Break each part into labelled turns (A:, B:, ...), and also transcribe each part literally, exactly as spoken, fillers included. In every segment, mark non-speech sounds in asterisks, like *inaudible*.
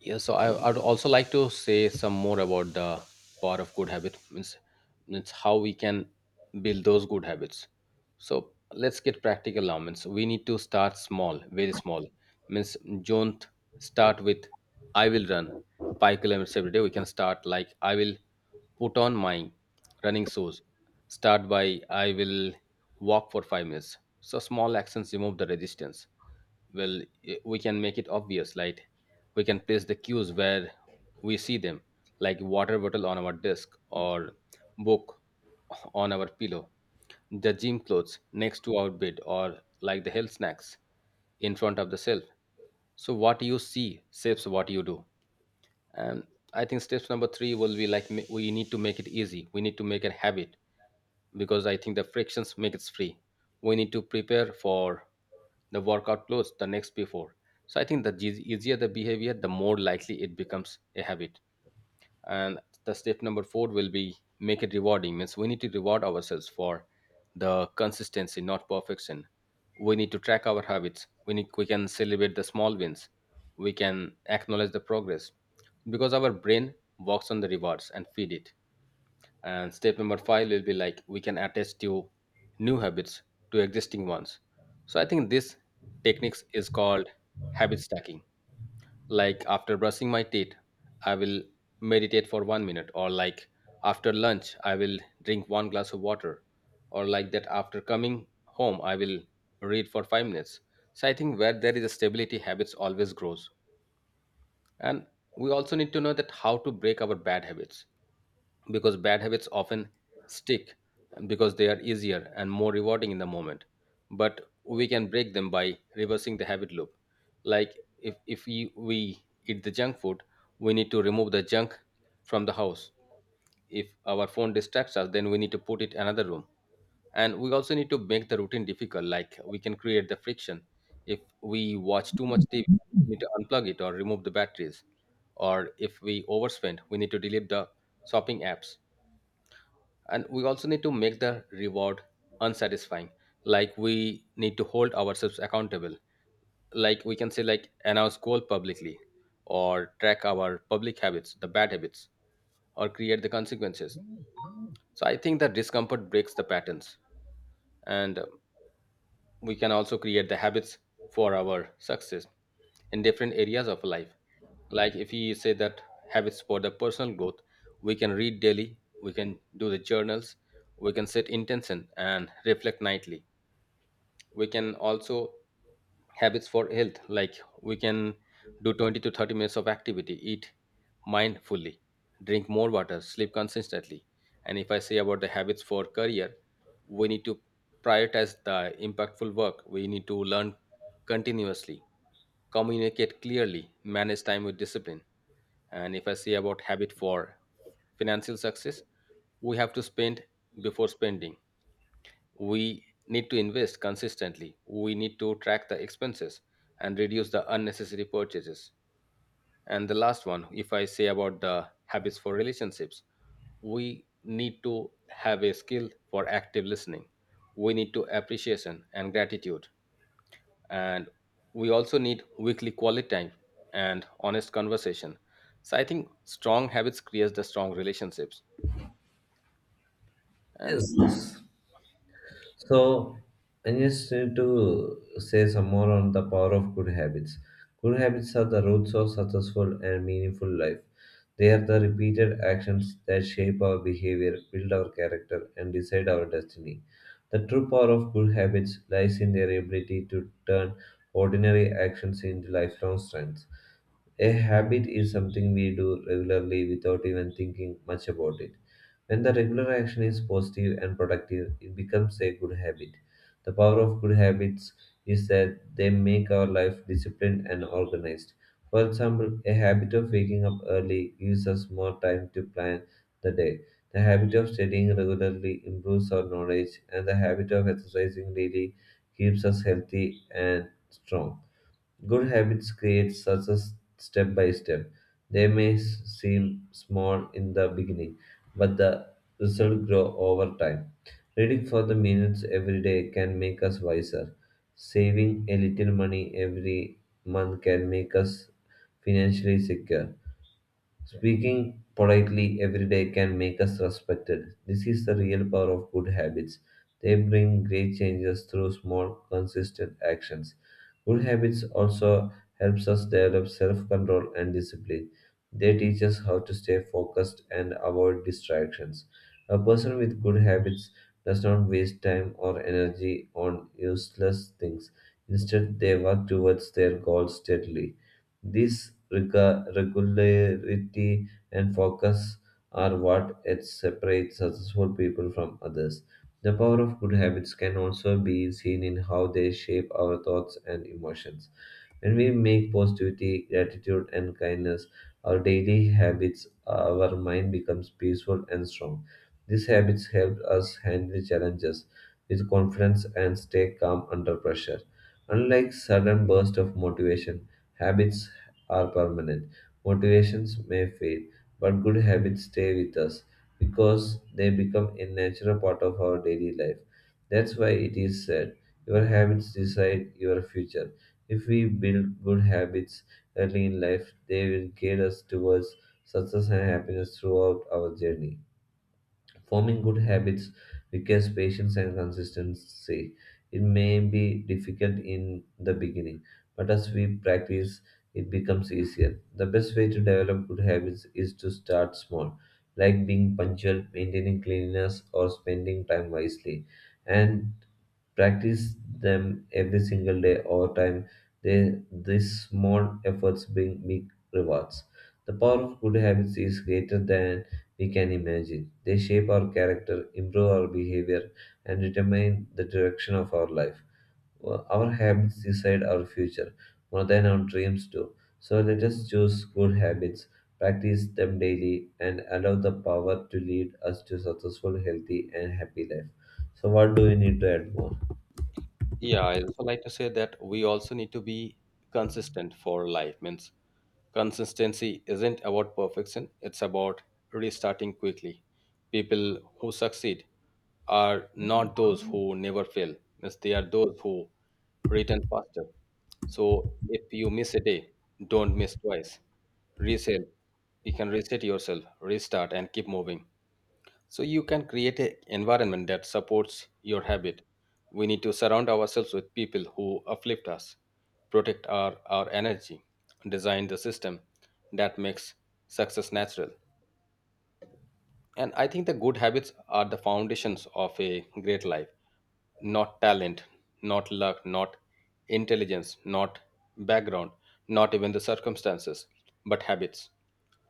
A: Yeah, so I would also like to say some more about the power of good habits. Means, means how we can build those good habits. So let's get practical now. Means we need to start small, very small. Means don't start with I will run five kilometers every day. We can start like I will put on my running shoes. Start by I will walk for five minutes. So small actions remove the resistance. Well, eh, we can make it obvious. Like, we can place the cues where we see them, like water bottle on our desk, or book on our pillow, the gym clothes next to our bed, or like the health snacks in front of the shelf. So what you see shapes what you do. And I think steps number three will be like, ma- we need to make it easy, we need to make it habit, because I think the frictions make it free. We need to prepare for the workout clothes the next before. So I think the eas- easier the behavior, the more likely it becomes a habit. And the step number four will be make it rewarding. Means we need to reward ourselves for the consistency, not perfection. We need to track our habits, we need, we can celebrate the small wins, we can acknowledge the progress, because our brain works on the rewards and feed it. And step number five will be like we can attach to new habits to existing ones. So I think this techniques is called habit stacking. Like, after brushing my teeth I will meditate for one minute, or like after lunch I will drink one glass of water, or like that, after coming home I will read for five minutes. So I think where there is a stability, habits always grows. And we also need to know that how to break our bad habits, because bad habits often stick because they are easier and more rewarding in the moment. But we can break them by reversing the habit loop. Like, if, if we, we eat the junk food, we need to remove the junk from the house. If our phone distracts us, then we need to put it another room. And we also need to make the routine difficult, like we can create the friction. If we watch too much TV, we need to unplug it or remove the batteries. Or if we overspend, we need to delete the shopping apps. And we also need to make the reward unsatisfying, like we need to hold ourselves accountable. Like, we can say, like, announce goal publicly, or track our public habits, the bad habits, or create the consequences. So I think that discomfort breaks the patterns. And uh, we can also create the habits for our success in different areas of life. Like, if you say that habits for the personal growth, we can read daily, we can do the journals, we can set intention and reflect nightly. We can also habits for health, like we can do twenty to thirty minutes of activity, eat mindfully, drink more water, sleep consistently. And if I say about the habits for career, we need to prioritize the impactful work, we need to learn continuously, communicate clearly, manage time with discipline. And if I say about habit for financial success, we have to spend, before spending we need to invest consistently, we need to track the expenses and reduce the unnecessary purchases. And the last one, if I say about the habits for relationships, we need to have a skill for active listening, we need to appreciation and gratitude. And we also need weekly quality time and honest conversation. So I think strong habits creates the strong relationships. And
B: Yes. So I just need to say some more on the power of good habits. Good habits are the roots of successful and meaningful life. They are the repeated actions that shape our behavior, build our character, and decide our destiny. The true power of good habits lies in their ability to turn ordinary actions into lifelong strengths. A habit is something we do regularly without even thinking much about it. When the regular action is positive and productive, it becomes a good habit. The power of good habits is that they make our life disciplined and organized. For example, a habit of waking up early gives us more time to plan the day. The habit of studying regularly improves our knowledge, and the habit of exercising daily keeps us healthy and strong. Good habits create success step by step. They may s- seem small in the beginning, but the result grow over time. Reading for the minutes every day can make us wiser. Saving a little money every month can make us financially secure. Speaking politely every day can make us respected. This is the real power of good habits. They bring great changes through small, consistent actions. Good habits also helps us develop self-control and discipline. They teach us how to stay focused and avoid distractions. A person with good habits does not waste time or energy on useless things. Instead, they work towards their goals steadily. This rega- regularity and focus are what it separates successful people from others. The power of good habits can also be seen in how they shape our thoughts and emotions. When we make positivity, gratitude, and kindness our daily habits, our mind becomes peaceful and strong. These habits help us handle challenges with confidence and stay calm under pressure. Unlike sudden bursts of motivation, habits are permanent. Motivations may fade, but good habits stay with us because they become a natural part of our daily life. That's why it is said, your habits decide your future. If we build good habits early in life, they will guide us towards success and happiness throughout our journey. Forming good habits requires patience and consistency. It may be difficult in the beginning, but as we practice, it becomes easier. The best way to develop good habits is to start small, like being punctual, maintaining cleanliness, or spending time wisely. And practice them every single day over time. They, these small efforts bring big rewards. The power of good habits is greater than we can imagine. They shape our character, improve our behavior, and determine the direction of our life. Well, our habits decide our future more than our dreams do. So let us choose good habits, practice them daily, and allow the power to lead us to successful, healthy, and happy life. So, what do we need to add more?
A: yeah, I also like to say that we also need to be consistent for life. Means consistency isn't about perfection, it's about restarting quickly. People who succeed are not those who never fail, means they are those who return faster. So if you miss a day, don't miss twice. Reset, you can reset yourself, restart, and keep moving. So you can create an environment that supports your habit. We need to surround ourselves with people who uplift us, protect our, our energy, design the system that makes success natural. And I think the good habits are the foundations of a great life. Not talent, not luck, not intelligence, not background, not even the circumstances, but habits.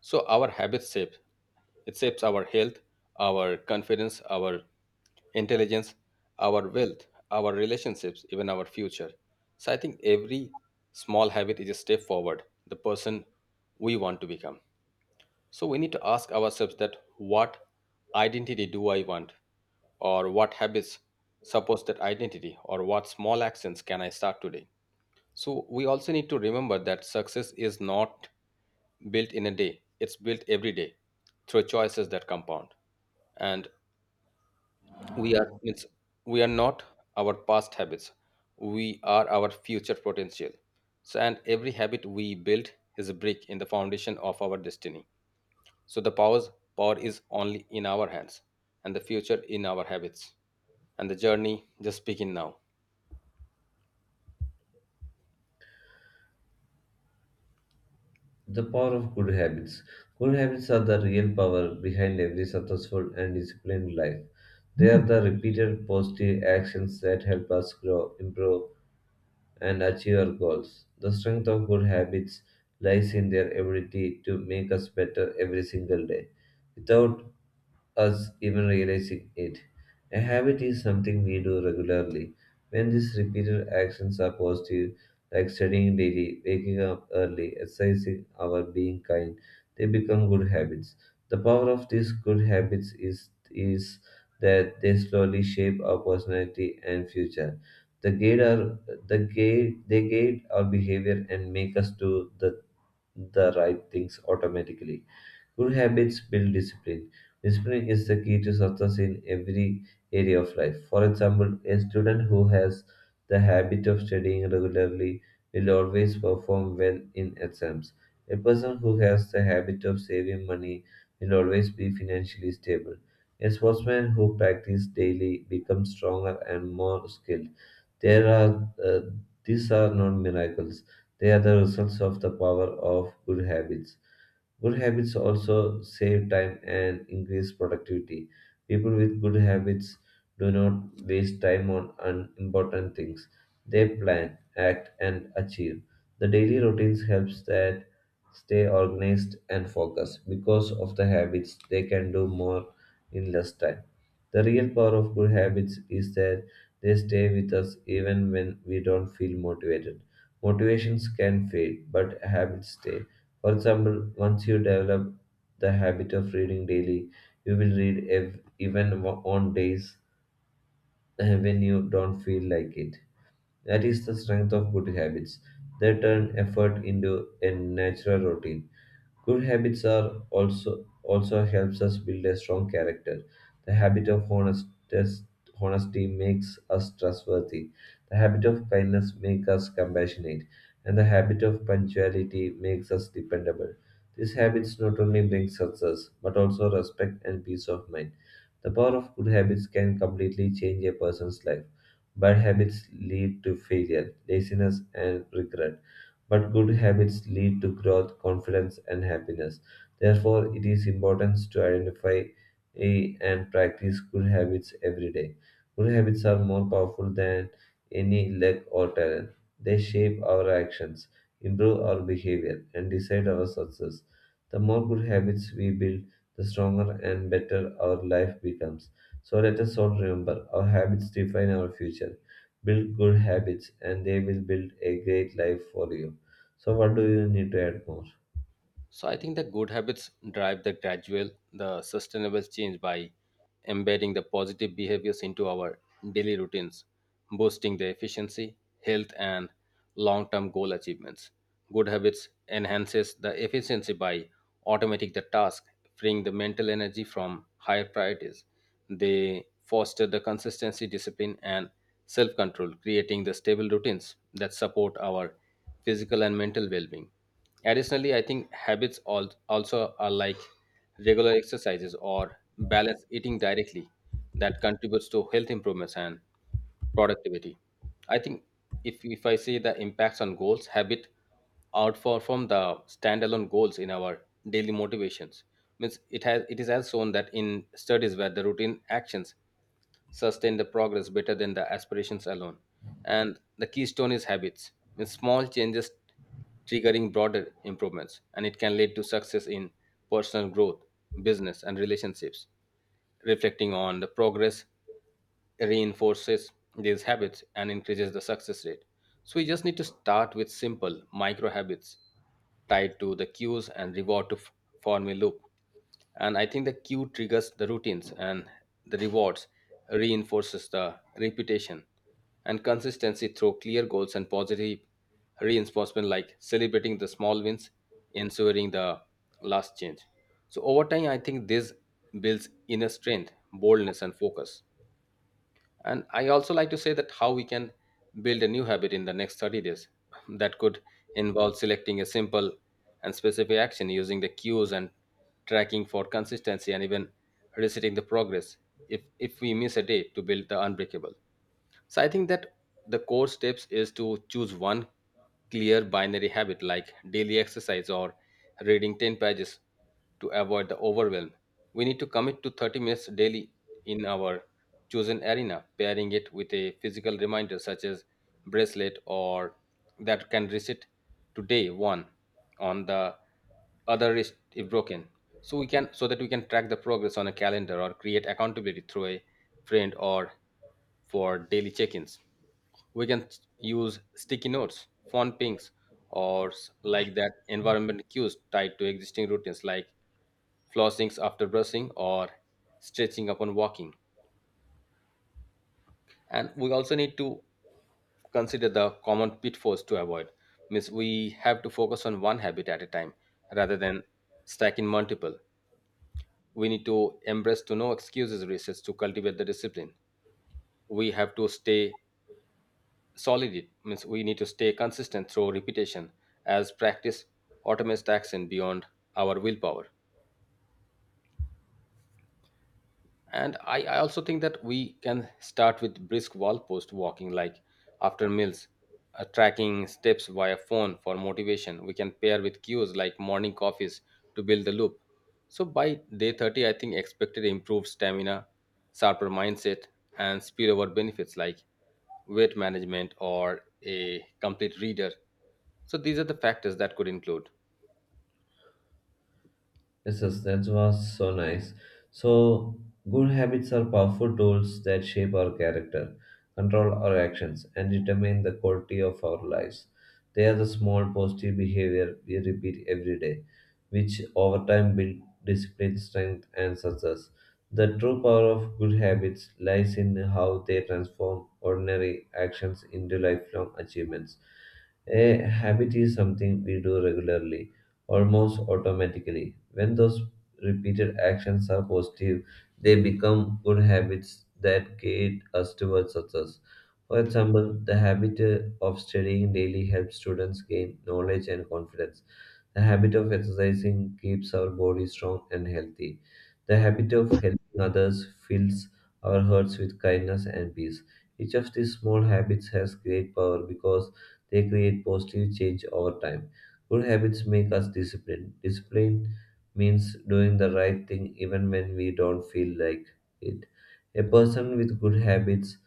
A: So our habits shape it shapes our health, our confidence, our intelligence, our wealth, our relationships, even our future. So I think every small habit is a step forward, the person we want to become. So we need to ask ourselves that what identity do I want? Or what habits support that identity? Or what small actions can I start today? So we also need to remember that success is not built in a day. It's built every day through choices that compound. And we are means we are not our past habits. We are our future potential. So, and every habit we build is a brick in the foundation of our destiny. So the powers power is only in our hands, and the future in our habits. And the journey just begin now.
B: The power of good habits. Good habits are the real power behind every successful and disciplined life. They are the repeated positive actions that help us grow, improve, and achieve our goals. The strength of good habits lies in their ability to make us better every single day, without us even realizing it. A habit is something we do regularly. When these repeated actions are positive, like studying daily, waking up early, exercising or being kind, they become good habits. The power of these good habits is, is that they slowly shape our personality and future. They guide our the gate they gate our behavior and make us do the, the right things automatically. Good habits build discipline. Discipline is the key to success in every area of life. For example, a student who has the habit of studying regularly will always perform well in exams. A person who has the habit of saving money will always be financially stable. A sportsman who practices daily becomes stronger and more skilled. There are uh, These are not miracles; they are the results of the power of good habits. Good habits also save time and increase productivity. People with good habits do not waste time on unimportant things. They plan, act, and achieve. The daily routines helps that stay organized and focused. Because of the habits, they can do more in less time. The real power of good habits is that they stay with us even when we don't feel motivated. Motivations can fade, but habits stay. For example, once you develop the habit of reading daily, you will read ev- even wa- on days *laughs* uh, when you don't feel like it. That is the strength of good habits. They turn effort into a natural routine. Good habits are also also helps us build a strong character. The habit of honest, honesty makes us trustworthy. The habit of kindness makes us compassionate, and the habit of punctuality makes us dependable. These habits not only bring success but also respect and peace of mind. The power of good habits can completely change a person's life. Bad habits lead to failure, laziness, and regret. But good habits lead to growth, confidence, and happiness. Therefore, it is important to identify eh, and practice good habits every day. Good habits are more powerful than any luck or talent. They shape our actions, improve our behavior, and decide our success. The more good habits we build, the stronger and better our life becomes. So let us all remember our habits define our future. Build good habits, and they will build a great life for you. So what do you need to add more?
A: So I think the good habits drive the gradual, the sustainable change by embedding the positive behaviors into our daily routines, boosting the efficiency, health, and long-term goal achievements. Good habits enhances the efficiency by automating the task, freeing the mental energy from higher priorities. They foster the consistency, discipline, and self-control, creating the stable routines that support our physical and mental well-being. Additionally, I think habits al- also are like regular exercises or balanced eating directly that contributes to health improvements and productivity. I think, if, if I say the impacts on goals, habit outperform the standalone goals in our daily motivations. Means it has it is as shown that in studies where the routine actions sustain the progress better than the aspirations alone. And the keystone is habits, means small changes triggering broader improvements, and it can lead to success in personal growth, business, and relationships. Reflecting on the progress reinforces these habits and increases the success rate. So we just need to start with simple micro habits tied to the cues and reward to f- form a loop. And I think the cue triggers the routines, and the rewards reinforces the reputation and consistency through clear goals and positive reinforcement, like celebrating the small wins, ensuring the last change. So over time I think this builds inner strength, boldness, and focus. And I also like to say that how we can build a new habit in the next thirty days *laughs* that could involve selecting a simple and specific action, using the cues, and tracking for consistency, and even resetting the progress if if we miss a day, to build the unbreakable. So I think that the core steps is to choose one clear binary habit, like daily exercise or reading ten pages, to avoid the overwhelm. We need to commit to thirty minutes daily in our chosen arena, pairing it with a physical reminder such as bracelet or that can reset to day one on the other wrist if broken. So we can, so that we can track the progress on a calendar, or create accountability through a friend or for daily check-ins. We can s- use sticky notes, phone pings, or s- like that, environment cues tied to existing routines like flossings after brushing or stretching upon walking. And we also need to consider the common pitfalls to avoid. Means we have to focus on one habit at a time rather than stacking multiple. We need to embrace to no excuses research to cultivate the discipline. We have to stay solid, means we need to stay consistent through repetition, as practice automates the action beyond our willpower. And I, I also think that we can start with brisk wall post walking, like after meals, uh, tracking steps via phone for motivation. We can pair with cues like morning coffees to build the loop. So by day thirty, I think expected improved stamina, sharper mindset, and spillover benefits like weight management or a complete reader. So these are the factors that could include.
B: Yes, yes, that was so nice. So good habits are powerful tools that shape our character, control our actions, and determine the quality of our lives. They are the small positive behavior we repeat every day, which over time build discipline, strength, and success. The true power of good habits lies in how they transform ordinary actions into lifelong achievements. A habit is something we do regularly almost automatically. When those repeated actions are positive, they become good habits that guide us towards success. For example, the habit uh, of studying daily helps students gain knowledge and confidence. The habit of exercising keeps our body strong and healthy. The habit of helping others fills our hearts with kindness and peace. Each of these small habits has great power because they create positive change over time. Good habits make us disciplined. Discipline means doing the right thing even when we don't feel like it. A person with good habits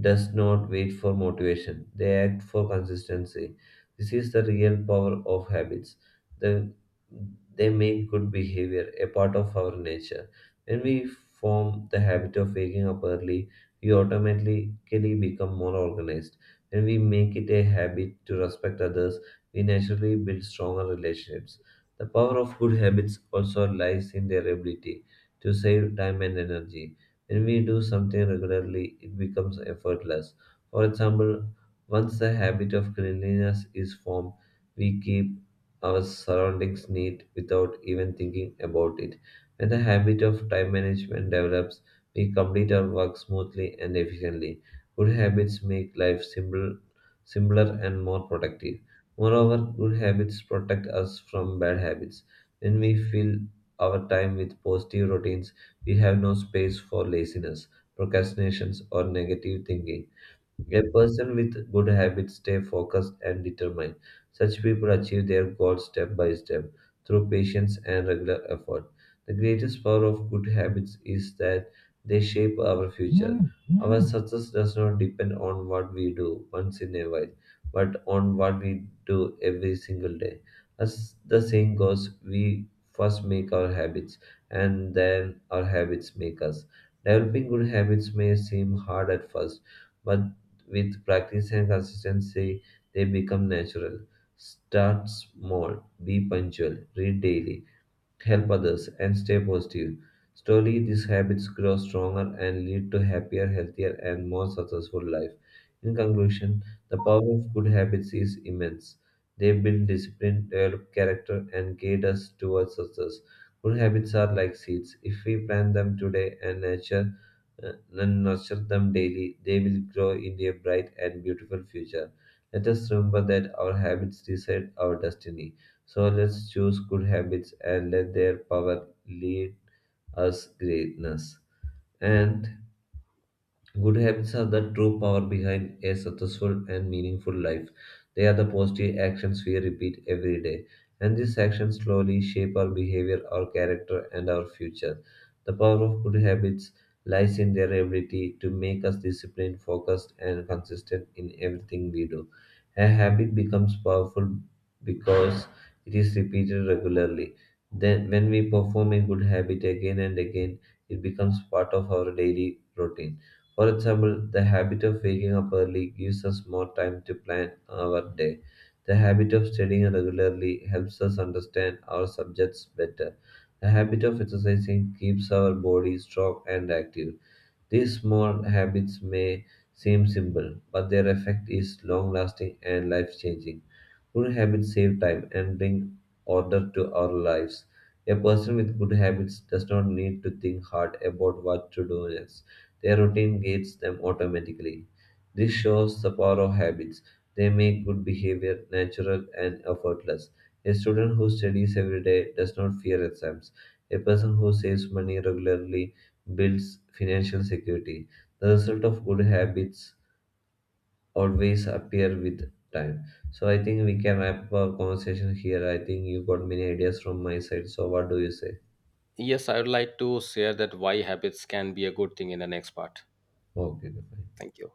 B: does not wait for motivation, they act for consistency. This is the real power of habits. The, they make good behavior a part of our nature. When we form the habit of waking up early, we automatically become more organized. When we make it a habit to respect others, we naturally build stronger relationships. The power of good habits also lies in their ability to save time and energy. When we do something regularly, it becomes effortless. For example, once the habit of cleanliness is formed, we keep our surroundings neat without even thinking about it. When the habit of time management develops, we complete our work smoothly and efficiently. Good habits make life simple, simpler and more productive. Moreover, good habits protect us from bad habits. When we fill our time with positive routines, we have no space for laziness, procrastinations, or negative thinking. A person with good habits stay focused and determined. Such people achieve their goals step by step through patience and regular effort. The greatest power of good habits is that they shape our future. Our success does not depend on what we do once in a while, but on what we do every single day. As the saying goes, we first make our habits, and then our habits make us. Developing good habits may seem hard at first, but with practice and consistency, they become natural. Start small, be punctual, read daily, help others, and stay positive. Slowly, these habits grow stronger and lead to happier, healthier, and more successful life. In conclusion, the power of good habits is immense. They build discipline, develop character, and guide us towards success. Good habits are like seeds. If we plant them today and nurture, uh, and nurture them daily, they will grow into a bright and beautiful future. Let us remember that our habits decide our destiny, so let's choose good habits and let their power lead us greatness. And good habits are the true power behind a successful and meaningful life. They are the positive actions we repeat every day, and these actions slowly shape our behavior, our character, and our future. The power of good habits lies in their ability to make us disciplined, focused, and consistent in everything we do. A habit becomes powerful because it is repeated regularly. Then, when we perform a good habit again and again, it becomes part of our daily routine. For example, the habit of waking up early gives us more time to plan our day. The habit of studying regularly helps us understand our subjects better. The habit of exercising keeps our body strong and active. These small habits may seem simple, but their effect is long lasting and life changing. Good habits save time and bring order to our lives. A person with good habits does not need to think hard about what to do next. Their routine guides them automatically. This shows the power of habits. They make good behavior natural and effortless. A student who studies every day does not fear exams. A person who saves money regularly builds financial security. The result of good habits always appear with time. So I think we can wrap our conversation here. I think you got many ideas from my side. So what do you say?
A: Yes, I would like to share that why habits can be a good thing in the next part.
B: Okay, fine.
A: Thank you.